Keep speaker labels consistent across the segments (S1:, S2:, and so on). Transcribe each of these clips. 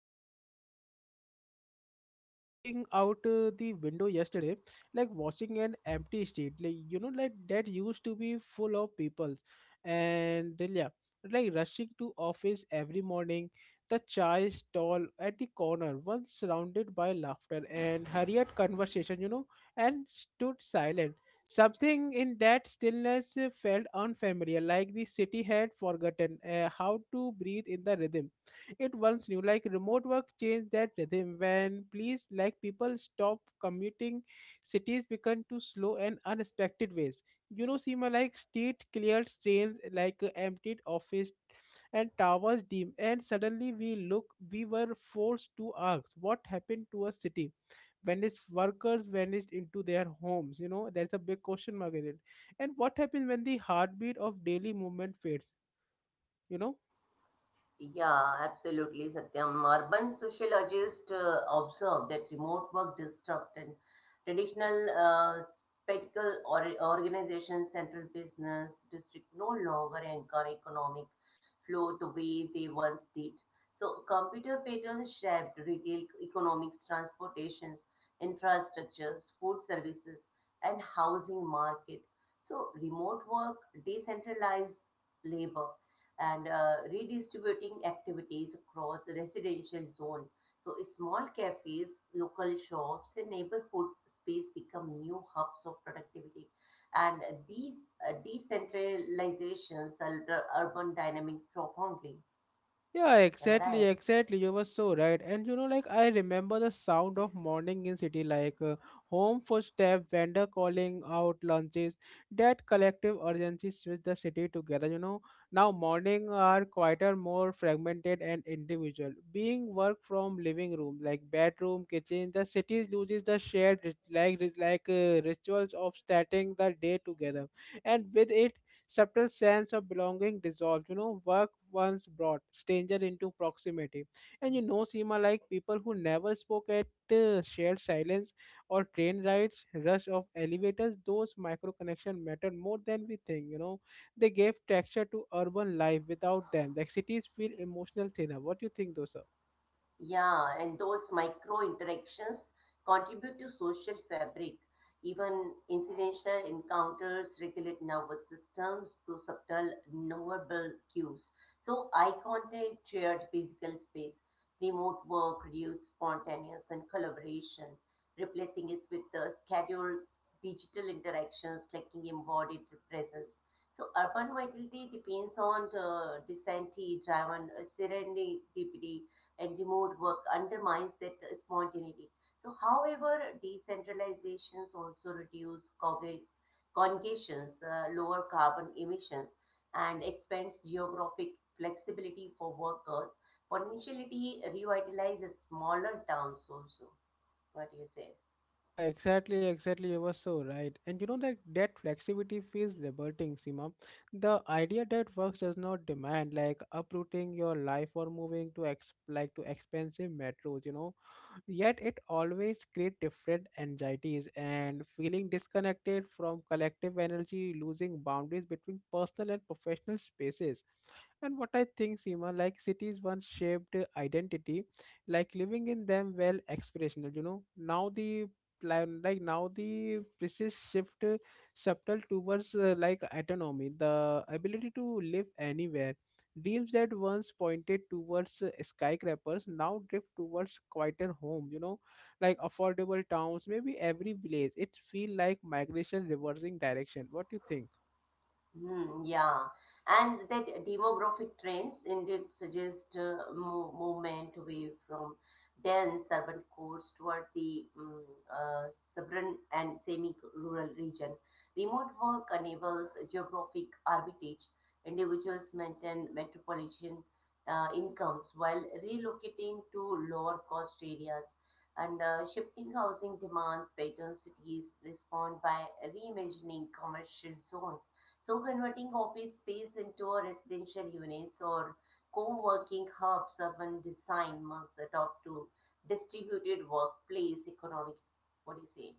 S1: Seema, I was looking out the window yesterday, like watching an empty street, like you know, like that used to be full of people, and then, yeah, like rushing to office every morning. The chai stall at the corner, once surrounded by laughter and hurried conversation, you know, and stood silent. Something in that stillness felt unfamiliar, like the city had forgotten how to breathe in the rhythm it once knew. Like remote work changed that rhythm when please like people stop commuting, cities become too slow and unexpected ways. You know, Seema, like street cleared, trains emptied office and towers dim, and suddenly we were forced to ask what happened to a city when its workers vanished into their homes. You know, there's a big question mark in it. And what happens when the heartbeat of daily movement fades, you know?
S2: Yeah, absolutely, Satyam. Urban sociologists observe that remote work disrupt and traditional spectacle or organizations, central business district no longer anchor economic flow the way they once did. So, computer patterns shaped retail economics, transportations, infrastructures, food services, and housing market. So, remote work decentralized labor and redistributing activities across the residential zone. So small cafes, local shops, and neighborhood space become new hubs of productivity. And these decentralizations are the urban dynamic profoundly.
S1: Yeah,
S2: Am I
S1: exactly,
S2: right?
S1: exactly. You were so right. And you know, like I remember the sound of morning in city, home footstep, vendor calling out lunches, that collective urgency switched the city together. You know, now morning are quieter, more fragmented and individual. Being work from living room, like bedroom, kitchen, the city loses the shared rituals of starting the day together, and with it subtle sense of belonging dissolved. You know, work once brought stranger into proximity. And you know, Seema, like people who never spoke at shared silence or train rides, rush of elevators, those micro connection mattered more than we think. You know, they gave texture to urban life. Without them, the cities feel emotional thinner. What do you think, Dosa?
S2: Yeah, and those micro interactions contribute to social fabric. Even incidental encounters regulate nervous systems through subtle nonverbal cues. So, eye contact, shared physical space, remote work produce spontaneous and collaboration, replacing it with the scheduled digital interactions lacking embodied presence. So urban vitality depends on the density driven serendipity and remote work undermines that spontaneity. So, however, decentralizations also reduce congestions, lower carbon emissions, and expands geographic flexibility for workers. Potentially revitalizes smaller towns also. What do you say?
S1: Yeah, exactly, exactly. You were so right. And you know that that flexibility feels liberating, Seema. The idea that work does not demand like uprooting your life or moving to ex like to expensive metros, you know. Yet it always creates different anxieties and feeling disconnected from collective energy, losing boundaries between personal and professional spaces. And what I think, Seema, like cities once shaped identity, like living in them well aspirational, you know. Now the now the precise shift subtle towards like autonomy, the ability to live anywhere. Dreams that once pointed towards skyscrapers now drift towards quieter homes, you know, like affordable towns, maybe every village. It feels like migration reversing direction. What do you think?
S2: Yeah, and that demographic trends indeed suggest movement away from dense urban cores toward the uh, suburban and semi-rural region. Remote work enables geographic arbitrage. Individuals maintain metropolitan incomes while relocating to lower-cost areas. And shifting housing demands, pattern cities respond by reimagining commercial zones, so converting office space into a residential units or co-working hubs. Urban design must adopt to distributed workplace economic. What do you say?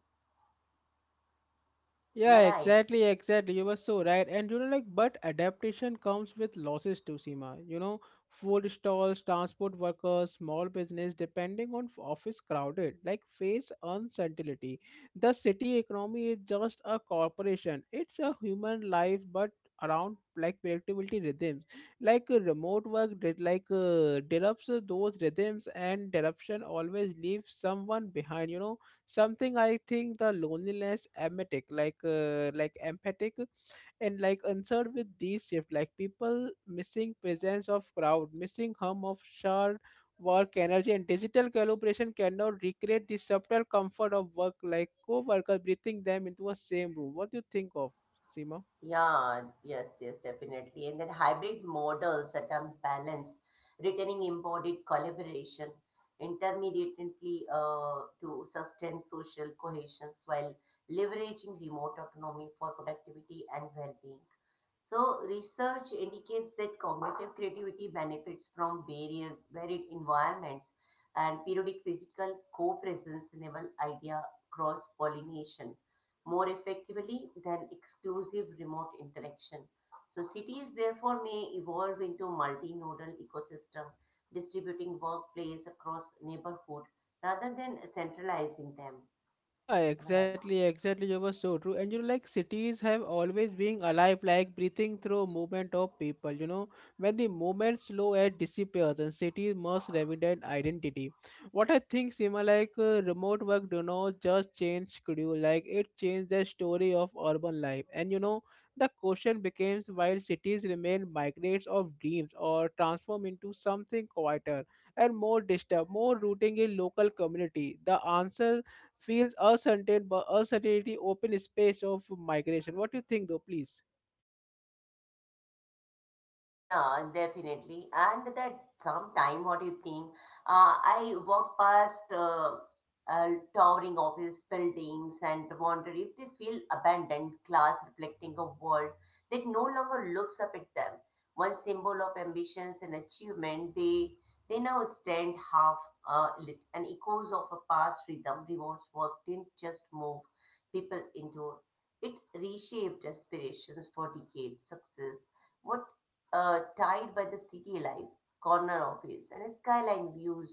S2: Am I
S1: Yeah,
S2: right?
S1: exactly, exactly. You were so right. And you know, like, but adaptation comes with losses too, Seema. You know, food stalls, transport workers, small business, depending on office crowded, like, face uncertainty. The city economy is just a corporation, it's a human life, but around like predictability rhythms, remote work did disrupts those rhythms, and disruption always leaves someone behind, you know. Something I think the loneliness emetic like empathic and like answered with these shift, like people missing presence of crowd, missing hum of shared work energy, and digital collaboration cannot recreate the subtle comfort of work like co-worker breathing them into a same room. What do you think of Seema?
S2: Yeah, yes, yes, definitely. And then hybrid models that are balanced, returning embodied collaboration, intermediately to sustain social cohesion while leveraging remote autonomy for productivity and well-being. So, research indicates that cognitive creativity benefits from varied environments and periodic physical co presence enable idea cross pollination more effectively than exclusive remote interaction. So, cities therefore may evolve into multinodal ecosystem, distributing workplace across neighborhood rather than centralizing them.
S1: Yeah,
S2: Am I right?
S1: exactly, exactly. You were so true. And you know, like cities have always been alive, like breathing through movement of people. You know, when the movement slow and disappears, and cities must evident identity. What I think, Sima, remote work do not just change schedule, like it changed the story of urban life. And you know, the question becomes while cities remain migrates of dreams or transform into something quieter and more disturbed, more rooting in local community. The answer feels uncertain, but uncertainty open space of migration. What do you think, though, please?
S2: Yeah, definitely. And that sometime, what do you think? I walk past uh, towering office buildings and wonder if they feel abandoned, glass reflecting a world that no longer looks up at them. One symbol of ambitions and achievement, they now stand half lit, and echoes of a past rhythm. Remote work didn't just move people into it, reshaped aspirations for decades. Success what tied by the city life, corner office, and skyline views.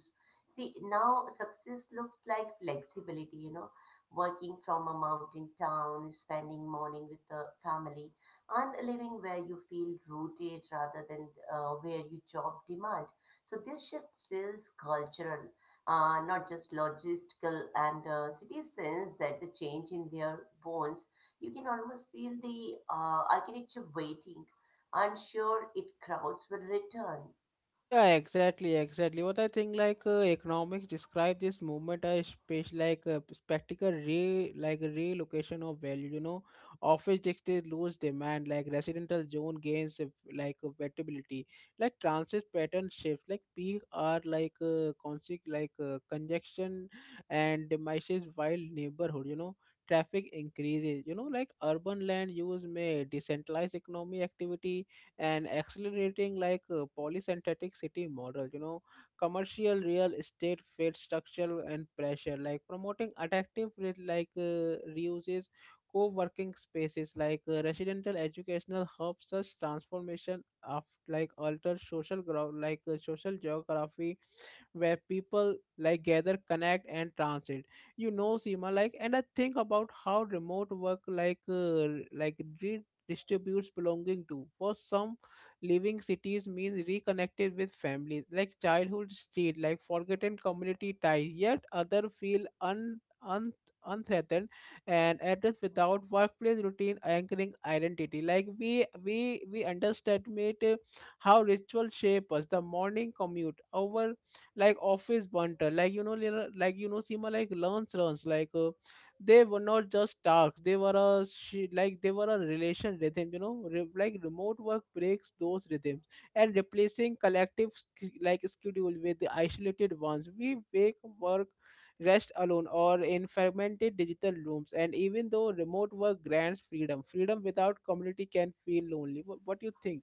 S2: See, now success looks like flexibility, you know, working from a mountain town, spending morning with the family, and living where you feel rooted rather than where your job demand. So this shift feels cultural, not just logistical, and cities sense that the change in their bones. You can almost feel the architecture waiting. I'm sure its crowds will return.
S1: Yeah, exactly, exactly. What I think, economics describe this movement as space, like a spectacle re, like relocation of value. You know, office districts lose demand, like residential zone gains, like affordability, like transit pattern shifts, like peak are congestion and diminishes while neighborhood. You know, traffic increases. You know, like urban land use may decentralize economic activity and accelerating like a polysynthetic city model, you know, commercial real estate fit structure and pressure, like promoting attractive with reuses, co-working spaces, residential educational hubs, such transformation of like alter social ground, social geography where people like gather, connect, and transit. You know, Seema, like, and I think about how remote work like redistributes belonging to. For some, leaving cities means reconnected with families, like childhood street, like forgotten community ties. Yet other feel un un unthreatened and address without workplace routine anchoring identity. Like we underestimate how ritual shape us, the morning commute over like office banter, you know, Seema, like learns learns like they were not just tasks, they were a she, like they were a relation rhythm, you know. Remote work breaks those rhythms and replacing collective schedule with the isolated ones, we wake, work, rest alone or in fragmented digital rooms. And even though remote work grants freedom, freedom without community can feel lonely. What do you think?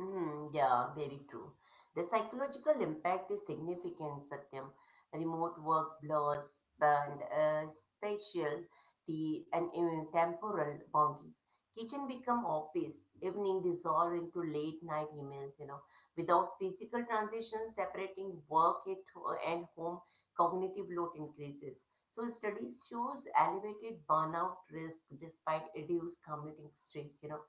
S2: Mm, yeah, very true. The psychological impact is significant, Satyam. Remote work blurs and spatial the and even temporal boundaries. Kitchen become office. Evening dissolve into late night emails. You know, without physical transition separating and home, cognitive load increases. So studies shows elevated burnout risk despite reduced commuting stress. You know,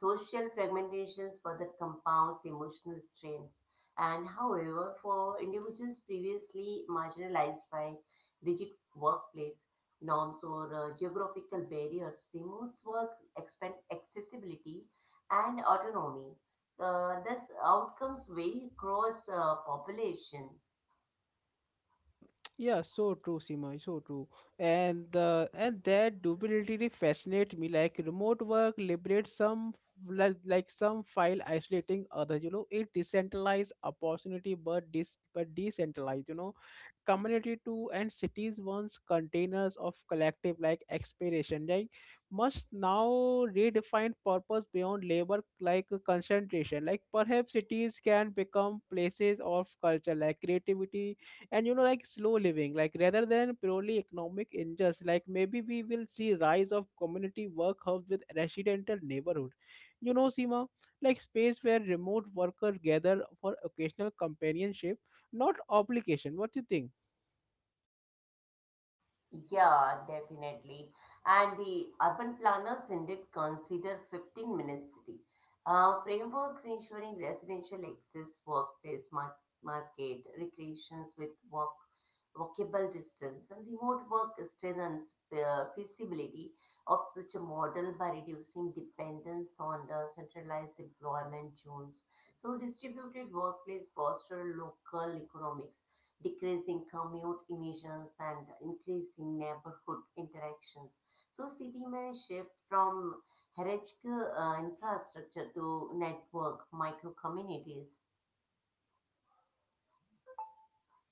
S2: social fragmentation further compounds emotional strains. And however, for individuals previously marginalized by rigid workplace norms or geographical barriers, remote work expand accessibility and autonomy. Thus, outcomes vary across population.
S1: Yeah, yeah, so true, Seema, so true. And that duality fascinates me. Like remote work liberates some some file isolating others. You know, it decentralized opportunity, but decentralized. You know, community 2, and cities once containers of collective like expiration, like must now redefine purpose beyond labor, like concentration. Like perhaps cities can become places of culture, like creativity, and you know, like slow living, like rather than purely economic injustice. Like maybe we will see rise of community work hubs with residential neighborhood, you know, Seema, like space where remote workers gather for occasional companionship, not obligation. What do you think?
S2: Yeah, definitely. And the urban planners indeed consider 15-minute city frameworks ensuring residential access, workplace, market, recreations with walkable distance, and remote work strengthens feasibility of such a model by reducing dependence on the centralized employment zones. So, distributed workplace foster local economics, decreasing commute emissions and increasing neighborhood interactions. So city may shift from hierarchical infrastructure to network micro communities.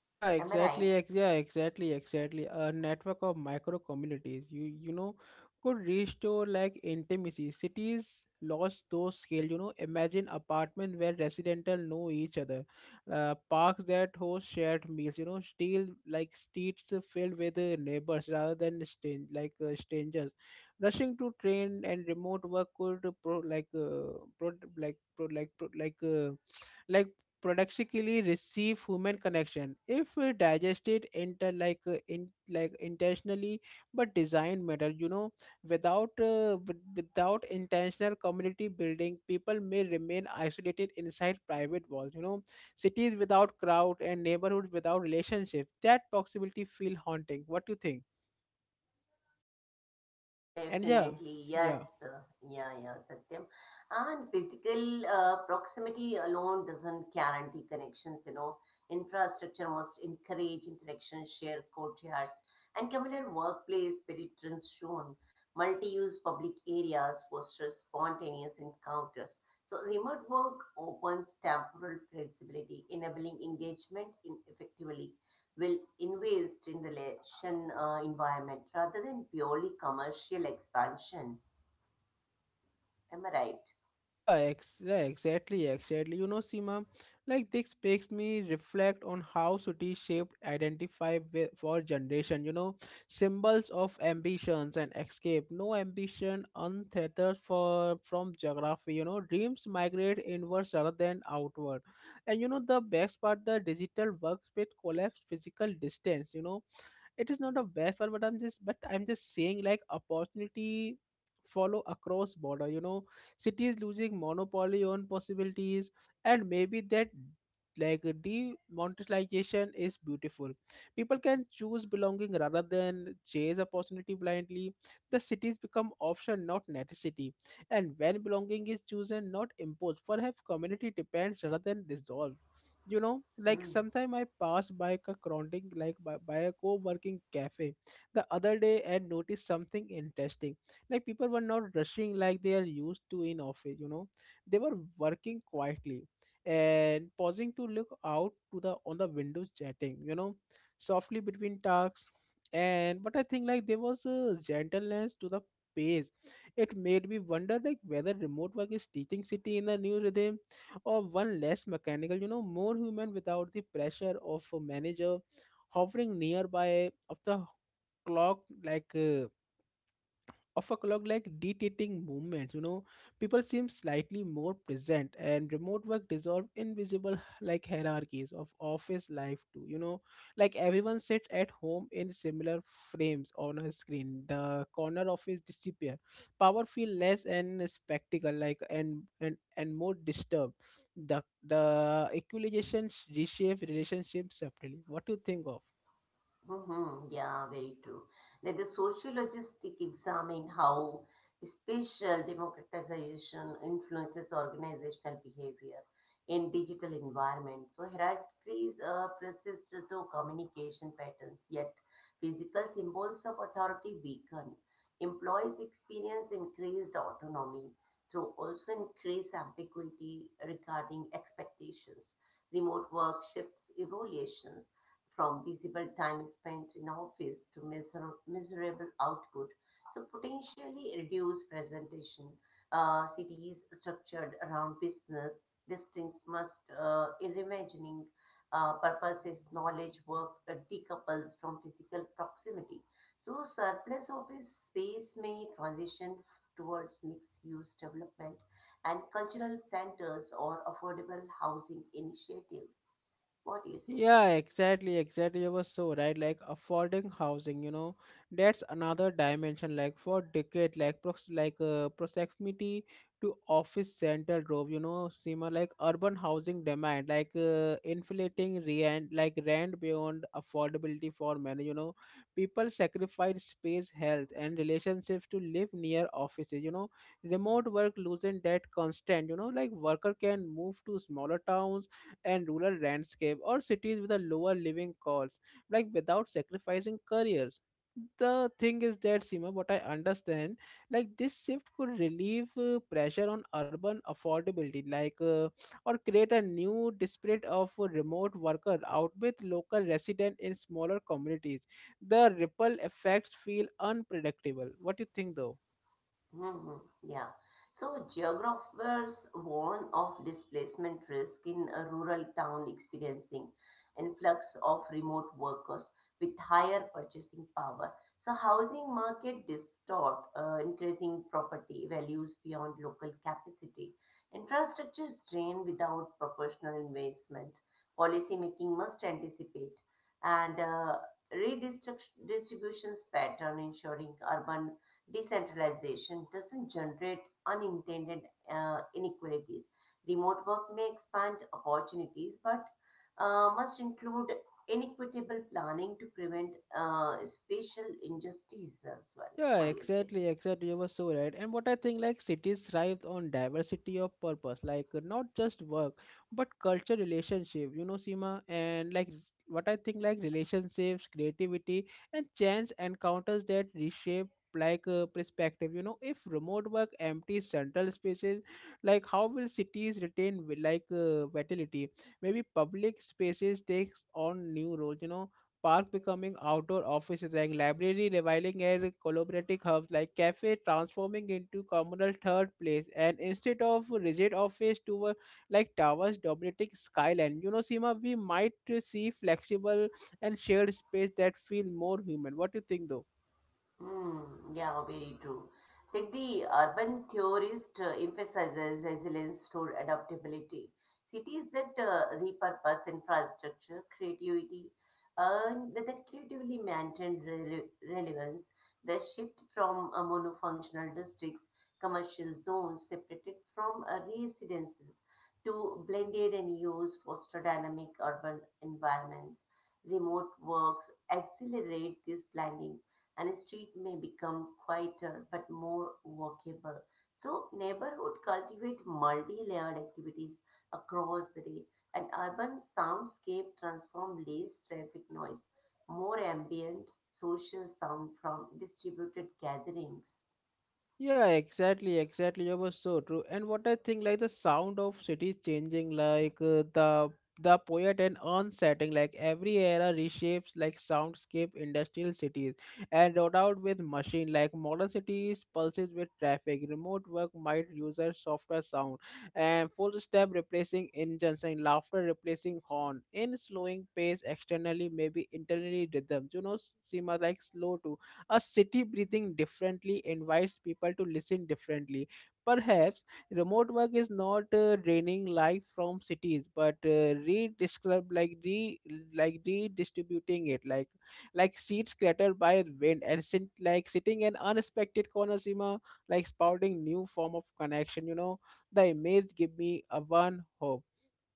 S1: Yeah,
S2: Am I right?
S1: exactly. Yeah, exactly, exactly. A network of micro communities, you know, could restore like intimacy. Cities lost those scale. You know, imagine apartment where residential know each other, parks that host shared meals. You know, still like streets filled with neighbors rather than strangers. Rushing to train, and remote work could pro like pro like pro like pro like. Like paradoxically receive human connection if digested inter like in like intentionally, but design matter, you know. Without without intentional community building, people may remain isolated inside private walls, you know. Cities without crowd and neighborhoods without relationship, that possibility feel haunting. What do you think? And yeah
S2: Definitely, yes.
S1: yeah
S2: Yeah, yeah, Satyam. And physical proximity alone doesn't guarantee connections, you know. Infrastructure must encourage interaction, shared courtyards, and communal workplace spirit is shown. Multi-use public areas foster spontaneous encounters. So remote work opens temporal flexibility, enabling engagement in effectively will invest in the relation environment rather than purely commercial expansion. Am I right?
S1: Yeah, yeah, exactly, exactly. You know, Seema, like this makes me reflect on how cities shaped identify for generation. You know, symbols of ambitions and escape. No ambition untethered for from geography. You know, dreams migrate inwards rather than outward. And you know, the best part, the digital workspace collapse physical distance. You know, it is not a best part, but I'm just saying, like opportunity follow across border. You know, cities losing monopoly on possibilities. And maybe that, like, demonetization is beautiful. People can choose belonging rather than chase opportunity blindly. The cities become option, not necessity. And when belonging is chosen, not imposed, perhaps community depends rather than dissolved. You know, like,
S2: Hmm.
S1: sometime I passed by a crowding, like by a co-working cafe the other day, and noticed something interesting. Like, people were not rushing like they are used to in office, you know. They were working quietly and pausing to look out to the on the windows, chatting, you know, softly between tasks. And but I think, like, there was a gentleness to the pace. It made me wonder, like, whether remote work is teaching city in a new rhythm, or one less mechanical, you know, more human, without the pressure of a manager hovering nearby of the clock, like, of a clock, like, dictating movements, you know. People seem slightly more present, and remote work dissolve invisible, like, hierarchies of office life too, you know. Like, everyone sits at home in similar frames on a screen. The corner office disappear, power feel less and spectacle, like, and more disturbed. The equalization reshape relationship separately. What do you think of?
S2: Mm-hmm. Yeah, very true. Let the sociologists examine how spatial democratization influences organizational behavior in digital environment. So hierarchies persist through communication patterns, yet physical symbols of authority weaken. Employees experience increased autonomy through also increased ambiguity regarding expectations. Remote work shifts evaluations from visible time spent in office to miserable output. So potentially reduced presentation. Cities structured around business, districts must reimagining purposes, knowledge, work decouples from physical proximity. So surplus office space may transition towards mixed-use development and cultural centers or affordable housing initiatives. What do you say?
S1: Yeah, exactly, exactly. You were so right. Like, affording housing, you know, that's another dimension. Like, for decade, like, proximity to office center drove, you know, similar, like, urban housing demand, like, inflating rent, like, rent beyond affordability for many. You know, people sacrifice space, health, and relationships to live near offices. You know, remote work losing that constant. You know, like, worker can move to smaller towns and rural landscape, or cities with a lower living cost, like, without sacrificing careers. The thing is that, Seema, what I understand, like, this shift could relieve, pressure on urban affordability, like, or create a new disparate of a remote worker out with local resident in smaller communities. The ripple effects feel unpredictable. What do you think, though?
S2: Hmm. Yeah. So geographers warn of displacement risk in a rural town experiencing influx of remote workers with higher purchasing power. So housing market distort, increasing property values beyond local capacity. Infrastructure is strained without proportional investment. Policy making must anticipate and redistribution pattern ensuring urban decentralization doesn't generate unintended inequalities. Remote work may expand opportunities, but must include inequitable planning to prevent spatial injustices as well.
S1: Yeah,
S2: What do you say?
S1: exactly, exactly. You were so right. And what I think, like, cities thrive on diversity of purpose, like, not just work, but culture, relationship, you know, Seema. And, like, what I think, like, relationships, creativity, and chance encounters that reshape, like, perspective. You know, if remote work empties central spaces, like, how will cities retain, vitality? Maybe public spaces takes on new roles, you know. Park becoming outdoor offices, like library, reviling and collaborative hubs, like cafe transforming into communal third place, and instead of rigid office tower, like towers dominating skyline. You know, Seema, we might see flexible and shared space that feel more human. What do you think, though?
S2: Mm, yeah, very true. Like the urban theorist emphasizes resilience to adaptability. Cities that repurpose infrastructure, creativity, and that creatively maintain relevance, the shift from monofunctional districts, commercial zones separated from residences to blended and use foster dynamic urban environments, remote works accelerate this blending and street may become quieter but more walkable. So neighborhood cultivate multi-layered activities across the day. An urban soundscape transform less traffic noise, more ambient social sound from distributed gatherings.
S1: Yeah, exactly, exactly. That was so true. And what I think, like, the sound of cities changing, like, the poet and onsetting, like, every era reshapes, like, soundscape industrial cities and rolled out with machine, like modern cities pulses with traffic. Remote work might user softer sound, and full step replacing engines and laughter replacing horn, in slowing pace externally, maybe internally rhythms. You know, Seema, like, slow too. A city breathing differently invites people to listen differently. Perhaps remote work is not, draining life from cities, but, redescribe, like redistributing it, like seeds cluttered by wind, and like sitting in unexpected corner, Seema, like, spouting new form of connection. You know, the image give me a one hope.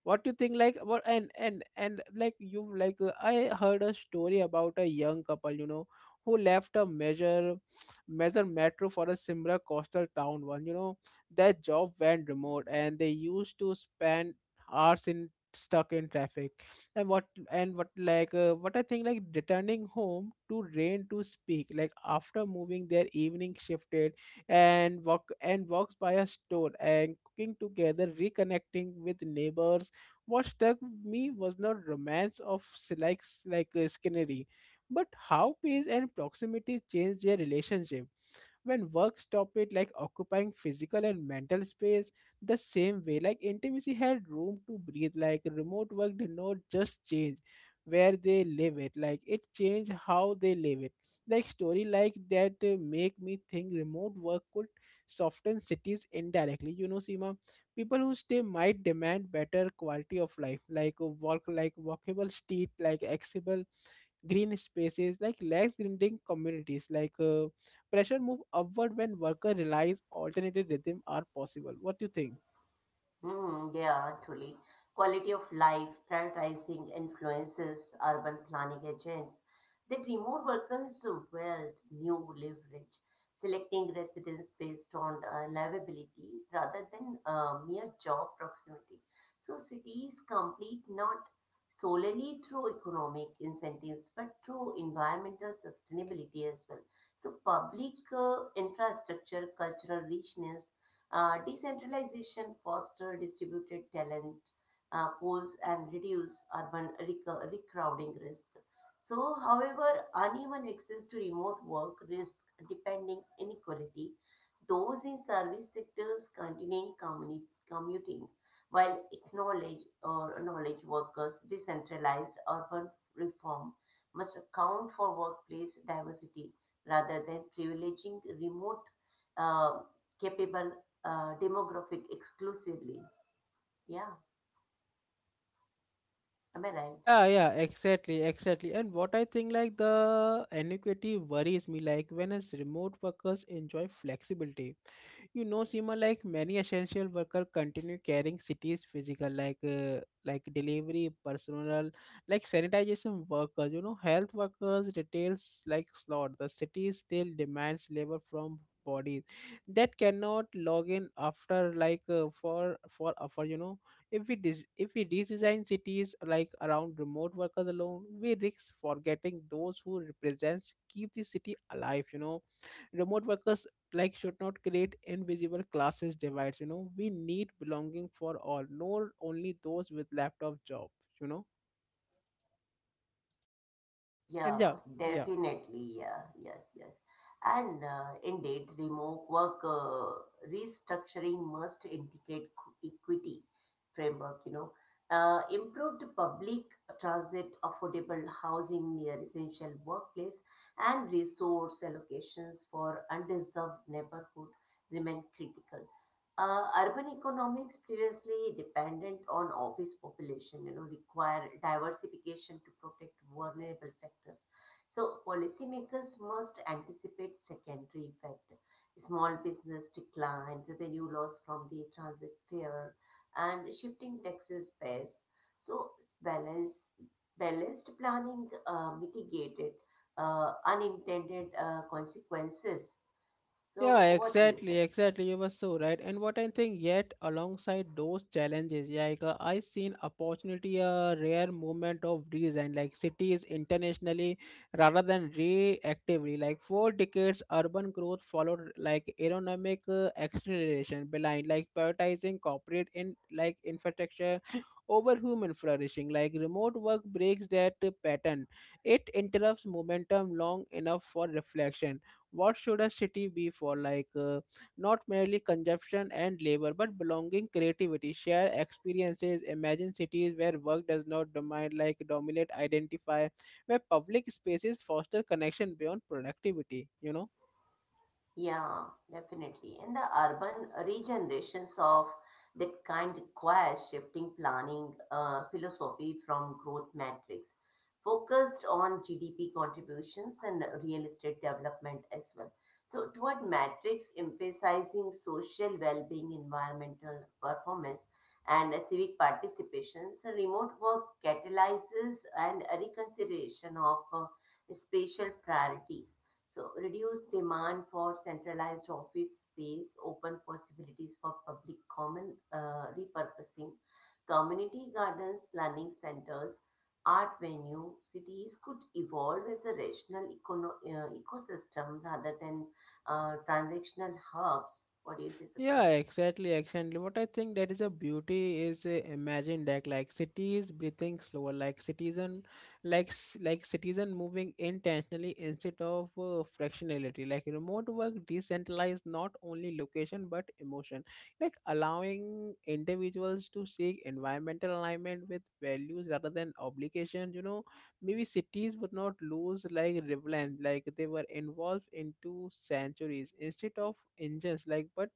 S1: What do you think? Like, what, and like, you, like, I heard a story about a young couple, you know, who left a major metro for a similar coastal town one, you know. Their job went remote, and they used to spend hours in, stuck in traffic. And what, and what, like, what I think, like, returning home to rain to speak, like, after moving, their evening shifted, and walks by a store, and cooking together, reconnecting with neighbors. What struck me was not romance of Skinnery, but how pace and proximity changed their relationship. When work stopped it, like, occupying physical and mental space the same way, like, intimacy had room to breathe. Like, remote work did not just change where they live it, like, it changed how they live it. Like, story like that, make me think remote work could soften cities indirectly, you know, Seema. People who stay might demand better quality of life, like, a walk like walkable street, like, accessible green spaces, like, less grinding communities, like, pressure move upward when worker realize alternative rhythm are possible. What do you think?
S2: Hmm, yeah, truly. Quality of life, prioritizing influences, urban planning agents. They promote workers' wealth, new leverage, selecting residents based on livability rather than mere job proximity. So cities complete not solely through economic incentives but through environmental sustainability as well. So public infrastructure, cultural richness, decentralization foster distributed talent pools and reduce urban recrowding risk. So, however, uneven access to remote work risk depending inequality. Those in service sectors continuing commuting, while acknowledge or knowledge workers decentralized urban reform must account for workplace diversity rather than privileging remote uh, capable demographic exclusively. Yeah, am I right?
S1: Yeah, yeah, exactly, exactly. And what I think, like, the inequity worries me, like, when, as remote workers enjoy flexibility, you know, Seema, like, many essential workers continue carrying cities physical, like, like delivery personnel, like sanitation workers, you know, health workers, retails like slot. The city still demands labor from bodies that cannot log in after, like, for, you know. If we redesign cities, like, around remote workers alone, we risk forgetting those who represents keep the city alive, you know. Remote workers, like, should not create invisible classes divides, you know. We need belonging for all, not only those with laptop job, you know. And
S2: Yeah,
S1: yeah. Yeah.
S2: definitely. Yeah, yes, yes. And indeed, remote work restructuring must integrate equity framework, you know, improved public transit, affordable housing near essential workplace, and resource allocations for underserved neighborhood remain critical. Urban economics previously dependent on office population, you know, require diversification to protect vulnerable sectors. So policymakers must anticipate secondary effect, small business decline, revenue loss from the transit fare, and shifting taxes base. So balance, balanced planning mitigated unintended consequences.
S1: Yeah,
S2: So what do you
S1: exactly,
S2: say?
S1: exactly. You were so right. And what I think, yet alongside those challenges, yeah, like, I seen opportunity, a rare movement of redesign, like, cities internationally rather than reactively. Like, 4 decades, urban growth followed, like, aerodynamic, acceleration behind, like, prioritizing corporate in, like, infrastructure over human flourishing. Like, remote work breaks that, pattern. It interrupts momentum long enough for reflection. What should a city be for? Like, not merely consumption and labor, but belonging, creativity, share experiences. Imagine cities where work does not dominate, like, dominate identify, where public spaces foster connection beyond productivity, you know.
S2: Yeah, definitely. And the urban regenerations of that kind requires shifting planning philosophy from growth metrics focused on GDP contributions and real estate development as well. So, toward metrics emphasizing social well being, environmental performance, and civic participation, so remote work catalyzes and a reconsideration of spatial priorities, so reduced demand for centralized office space, open possibilities for public common repurposing, community gardens, learning centers, art venue. Cities could evolve as a rational ecosystem rather than transactional hubs. What do you say,
S1: Yeah,
S2: Satyam?
S1: exactly, exactly. What I think, that is a beauty is, imagine that, like, cities breathing slower, like citizen, like citizen moving intentionally instead of, fractionality. Like, remote work decentralized not only location but emotion, like, allowing individuals to seek environmental alignment with values rather than obligation. You know, maybe cities would not lose, like, relevance, like they were involved into centuries instead of engines, like, but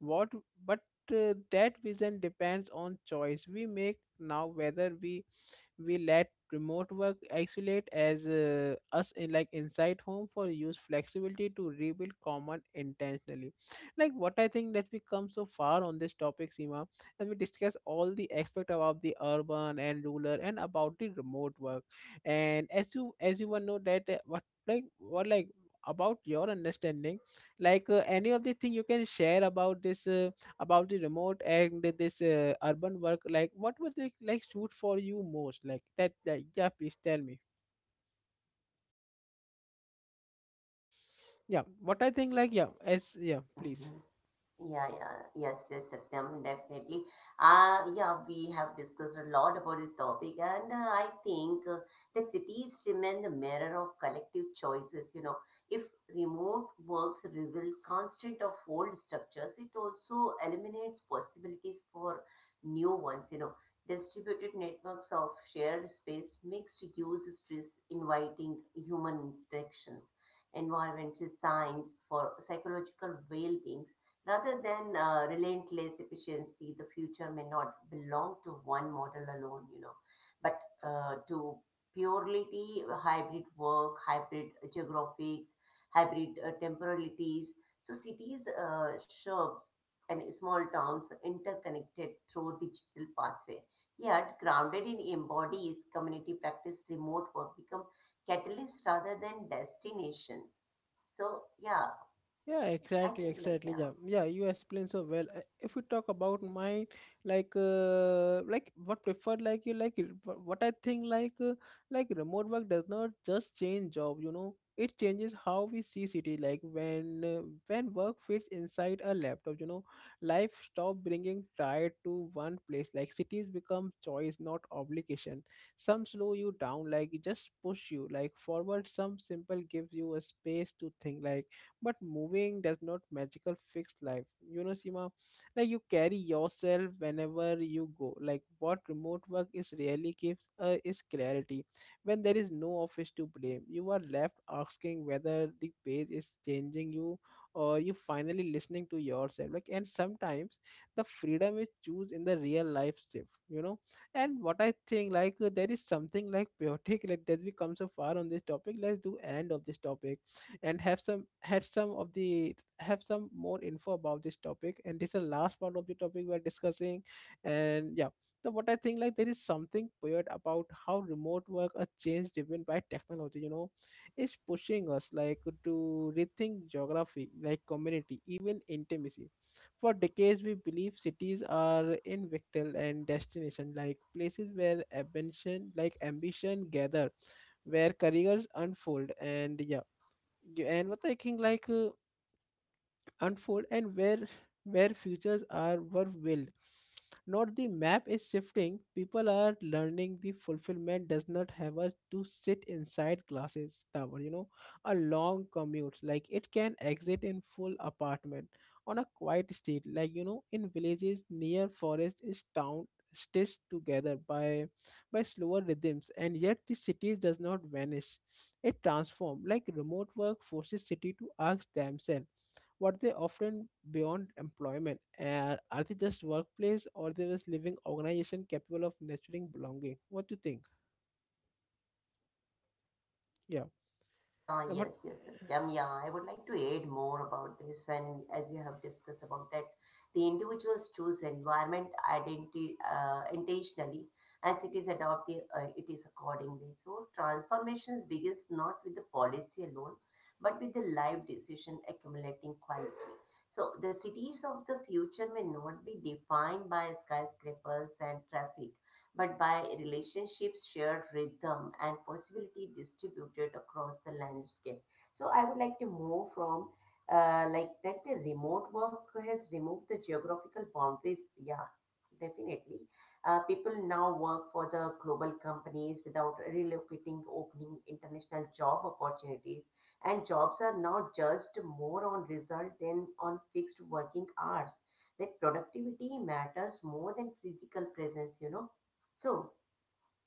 S1: what, but that vision depends on choice we make now, whether we let remote work isolate as, us in, like, inside home for use flexibility to rebuild common intentionally. Like, what I think, that we come so far on this topic, Seema. And we discuss all the aspect about the urban and rural, and about the remote work. And as you one know that, what, like, what, like, about your understanding, like, any of the thing you can share about this, about the remote and this, urban work, like, what would it, like, suit for you most, like that, like, yeah, please tell me. Yeah, what I think, like, yeah,
S2: Yeah.
S1: as, yeah, please.
S2: Mhm. Yeah, yeah. Yes, yes, Satyam, definitely. Yeah, we have discussed a lot about this topic, and I think that cities remain the mirror of collective choices. You know, if remote works reveal constant of old structures, it also eliminates possibilities for new ones. You know, distributed networks of shared space, mixed use stress, inviting human interactions, environment designs for psychological well-being, rather than relentless efficiency, the future may not belong to one model alone, you know, but to purely hybrid work, hybrid geographics, hybrid temporalities. So cities, suburbs, and small towns are interconnected through digital pathway. Yet, grounded in embodies community practice, remote work become catalyst rather than destination. So yeah,
S1: Yeah,
S2: I
S1: exactly,
S2: think like
S1: exactly.
S2: yeah.
S1: Yeah, yeah. You explain so well. If we talk about my, like what preferred, like you, what I think, like, like, remote work does not just change job. You know, it changes how we see city. Like, when work fits inside a laptop, you know, life stop bringing tired to one place. Like, cities become choice, not obligation. Some slow you down, like, just push you, like, forward. Some simple gives you a space to think, like, but moving does not magical fix life, you know, Sima. Like, you carry yourself whenever you go. Like, what remote work is really gives, is clarity. When there is no office to blame, you are left asking whether the page is changing you, or you finally listening to yourself, like. And sometimes the freedom is choose in the real life shift, you know. And what I think, like, there is something, like, chaotic, like, that we come so far on this topic. Let's do end of this topic, and have some had some of the have some more info about this topic, and this is the last part of the topic we're discussing. And yeah. So what I think, like, there is something weird about how remote work, a change driven by technology, you know, is pushing us, like, to rethink geography, like community, even intimacy. For decades, we believe cities are invictal and destination, like places where ambition, gather, where careers unfold. And yeah. Yeah. And what I think, like, unfold, and where futures are were willed. Not the map is shifting. People are learning, the fulfillment does not have us to sit inside glasses tower, you know. A long commute, like, it can exit in full apartment on a quiet street, like, you know, in villages near forest is town stitched together by slower rhythms. And yet, the cities does not vanish, it transforms. Like, remote work forces city to ask themselves what they often beyond employment, are they just workplace, or they just living organization capable of nurturing belonging? What do you think? Yeah,
S2: Yeah,
S1: what.
S2: yes, yes, Satyam. Yeah, I would like to add more about this. And as you have discussed about that, the individuals choose environment identity intentionally, and cities adopt the, it is accordingly. So transformations begins not with the policy alone, but with the live decision accumulating quality. So the cities of the future may not be defined by skyscrapers and traffic, but by relationships, shared rhythm, and possibility distributed across the landscape. So I would like to move from like that the remote work has removed the geographical boundaries. Yeah, definitely. People now work for the global companies without relocating, opening international job opportunities. And jobs are now judged more on result than on fixed working hours. That productivity matters more than physical presence, you know, so,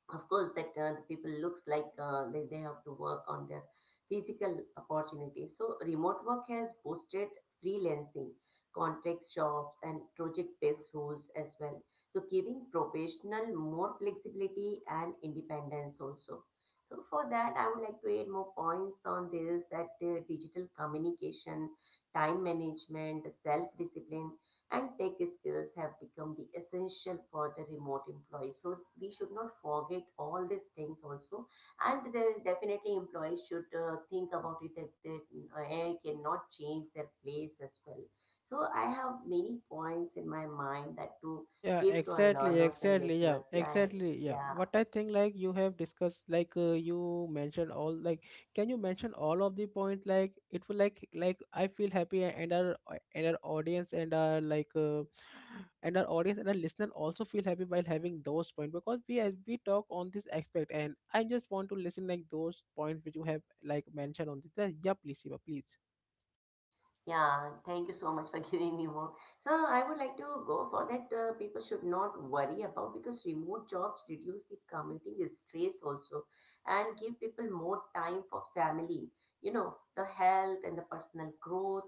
S2: of course, that the people looks like they have to work on their physical opportunities. So, remote work has boosted freelancing, contract shops, and project-based roles as well. So, giving professional more flexibility and independence also. So, for that, I would like to add more points on this that digital communication, time management, self-discipline and tech skills have become the essential for the remote employees. So we should not forget all these things also. And there is definitely employees should think about it that AI cannot change their place as well. So I have many points in my mind that to
S1: Yeah,
S2: give to our
S1: exactly,
S2: learners and
S1: exactly. Yeah,
S2: listeners. Yeah,
S1: exactly. Yeah.
S2: yeah.
S1: What I think, like, you have discussed, like, you mentioned all, like, can you mention all of the points? Like, it will, like, I feel happy, and our and our audience and our like and our audience and our listener also feel happy while having those point, because we as we talk on this aspect, and I just want to listen, like, those points which you have, like, mentioned on this. Yeah, please, Shiva, please.
S2: Yeah, thank you so much for giving me more. So I would like to go for that. People should not worry about because remote jobs reduce the commuting stress also and give people more time for family, you know, the health and the personal growth.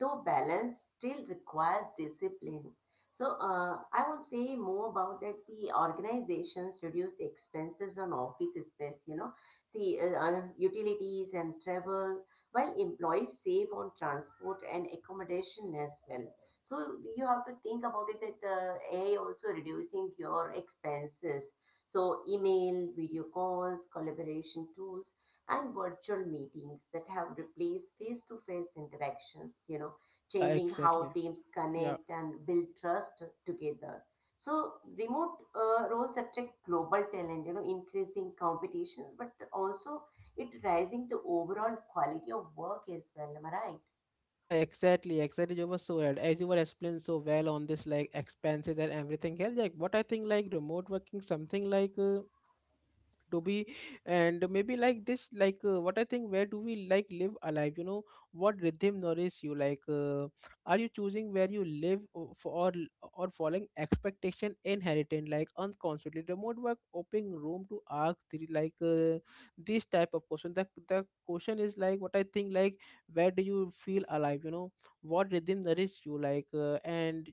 S2: Though balance still requires discipline. So I would say more about that. The organizations reduce the expenses on office space, you know, see utilities and travel while employees save on transport and accommodation as well. So you have to think about it that AI also reducing your expenses. So email, video calls, collaboration tools, and virtual meetings that have replaced face-to-face interactions, you know,
S1: Yeah,
S2: changing how
S1: exactly.
S2: teams
S1: Yeah.
S2: connect and build trust together. So remote roles attract global talent, you know, increasing competitions, but also it rising the overall quality of work as well. Am I right?
S1: Yeah, exactly, exactly. You were so right. As you were explaining so well on this, like, expenses and everything else, like, what I think, like, remote working, something like to be, and maybe like this like, what I think, where do we like live alive, you know, what rhythm nourishes you like, are you choosing where you live or following expectation inherited, like, unconsciously remote work opening room to ask the, like, this type of question, the question is like what I think, like, where do you feel alive, you know, what rhythm nourishes you like,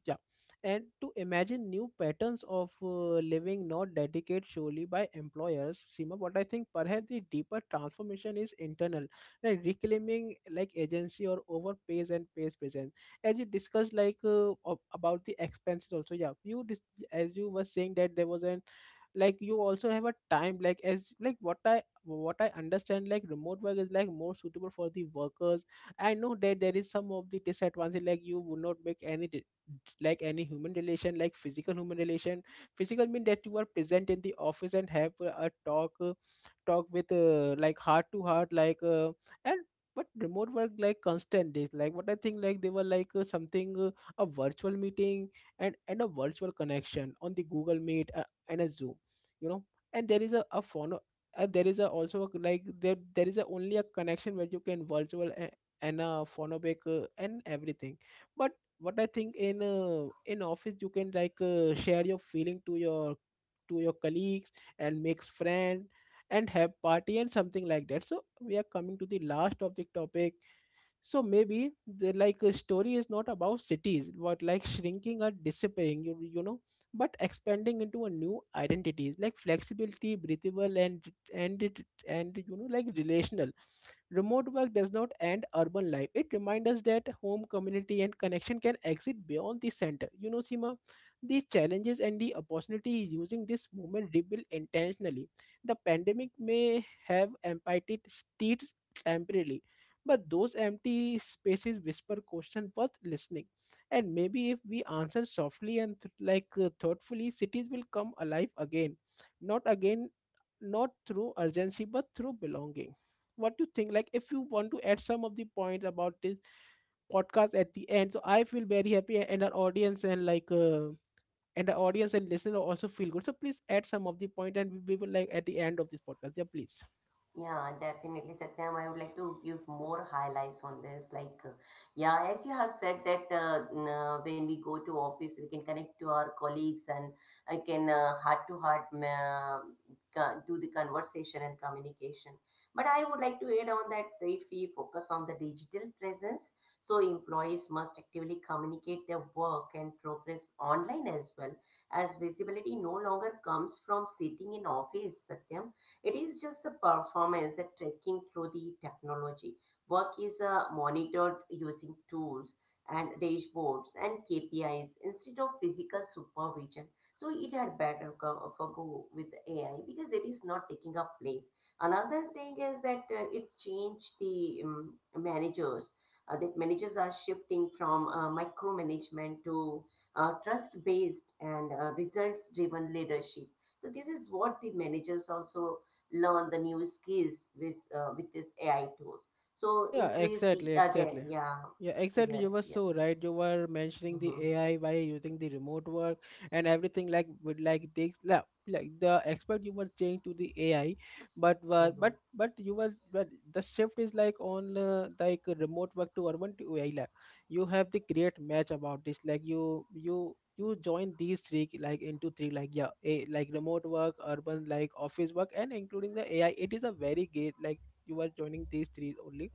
S1: and to imagine new patterns of living, not dedicated solely by employers, Seema. What I think, perhaps the deeper transformation is internal, like reclaiming like agency or over pays and pays presence, as you discussed like, about the expenses also, yeah. As you were saying that there was an, like, you also have a time, like, as like, what I what I understand, like, remote work is like more suitable for the workers. I know that there is some of the disadvantage, like, you would not make like any human relation, like physical human relation. Physical mean that you are present in the office and have a talk, talk with like heart to heart like, and but remote work, like, constant days, like what I think, like, they were like, something, a virtual meeting, and a virtual connection on the Google Meet and a Zoom, you know, and there is a phono, there is a also like there is a only a connection where you can virtual a, and a phonobic, and everything. But what I think, in office you can like, share your feeling to your, to your colleagues, and makes friend, and have party and something like that. So we are coming to the last of the topic. So maybe the, like, a story is not about cities but like shrinking or disappearing, you know, but expanding into a new identity, like flexibility, breathable and it and, you know, like relational. Remote work does not end urban life. It reminds us that home, community and connection can exist beyond the center, you know, Sima. The challenges and the opportunity using this movement rebuild intentionally. The pandemic may have emptied streets temporarily, but those empty spaces whisper question worth listening. And maybe if we answer softly and like, thoughtfully, cities will come alive again. Not again, not through urgency, but through belonging. What do you think? Like, if you want to add some of the points about this podcast at the end, so I feel very happy, and our audience and, like, and the audience and listener also feel good. So please add some of the point, and we will like at the end of this podcast. Yeah, please.
S2: Yeah, definitely, Satyam. I would like to give more highlights on this. Like, yeah, as you have said that when we go to office, we can connect to our colleagues and I can heart to heart do the conversation and communication. But I would like to add on that if we focus on the digital presence, so employees must actively communicate their work and progress online as well, as visibility no longer comes from sitting in office, Satyam. It is just the performance that tracking through the technology. Work is monitored using tools and dashboards and KPIs instead of physical supervision. So it had better go with AI because it is not taking a place. Another thing is that it's changed the managers. That managers are shifting from micromanagement to trust-based and results-driven leadership. So this is what the managers also learn the new skills with this AI tools. So
S1: Yeah,
S2: increase the
S1: exactly,
S2: there,
S1: exactly.
S2: yeah,
S1: Yeah, exactly.
S2: yes,
S1: You were
S2: yeah.
S1: so right. You were mentioning the
S2: Hmm.
S1: AI by using the remote work and everything, like with, like they like the expert you were changed to the AI, but were
S2: Hmm.
S1: but you were but the shift is like on, like, remote work to urban to AI. Like, you have the great match about this. Like you join these three, like into three, like, yeah, a, like remote work, urban, like office work, and including the AI. It is a very great, like you are joining these three only.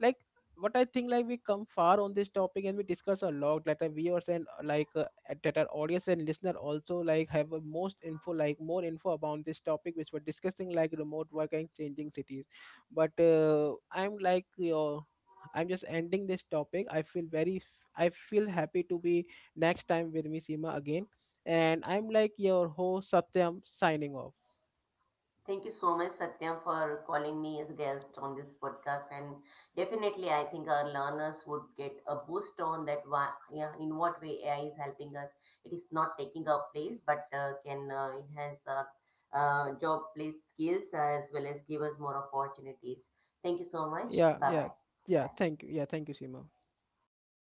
S1: Like what I think, like we come far on this topic and we discuss a lot, like our viewers and, like, that our audience and listener also like have a most info, like more info about this topic which we're discussing, like remote work and changing cities. But I'm like your, I'm just ending this topic. I feel very I feel happy to be next time with me Seema again. And I'm like your host Satyam, signing off.
S2: Thank you so much, Satyam, for calling me as guest on this podcast. And definitely, I think our learners would get a boost on that. Why, yeah, in what way AI is helping us? It is not taking our place, but can enhance our job place skills as well as give us more opportunities. Thank you so much.
S1: Yeah,
S2: Bye
S1: yeah.
S2: bye.
S1: Yeah,
S2: Bye.
S1: thank you. Yeah, thank you, Seema.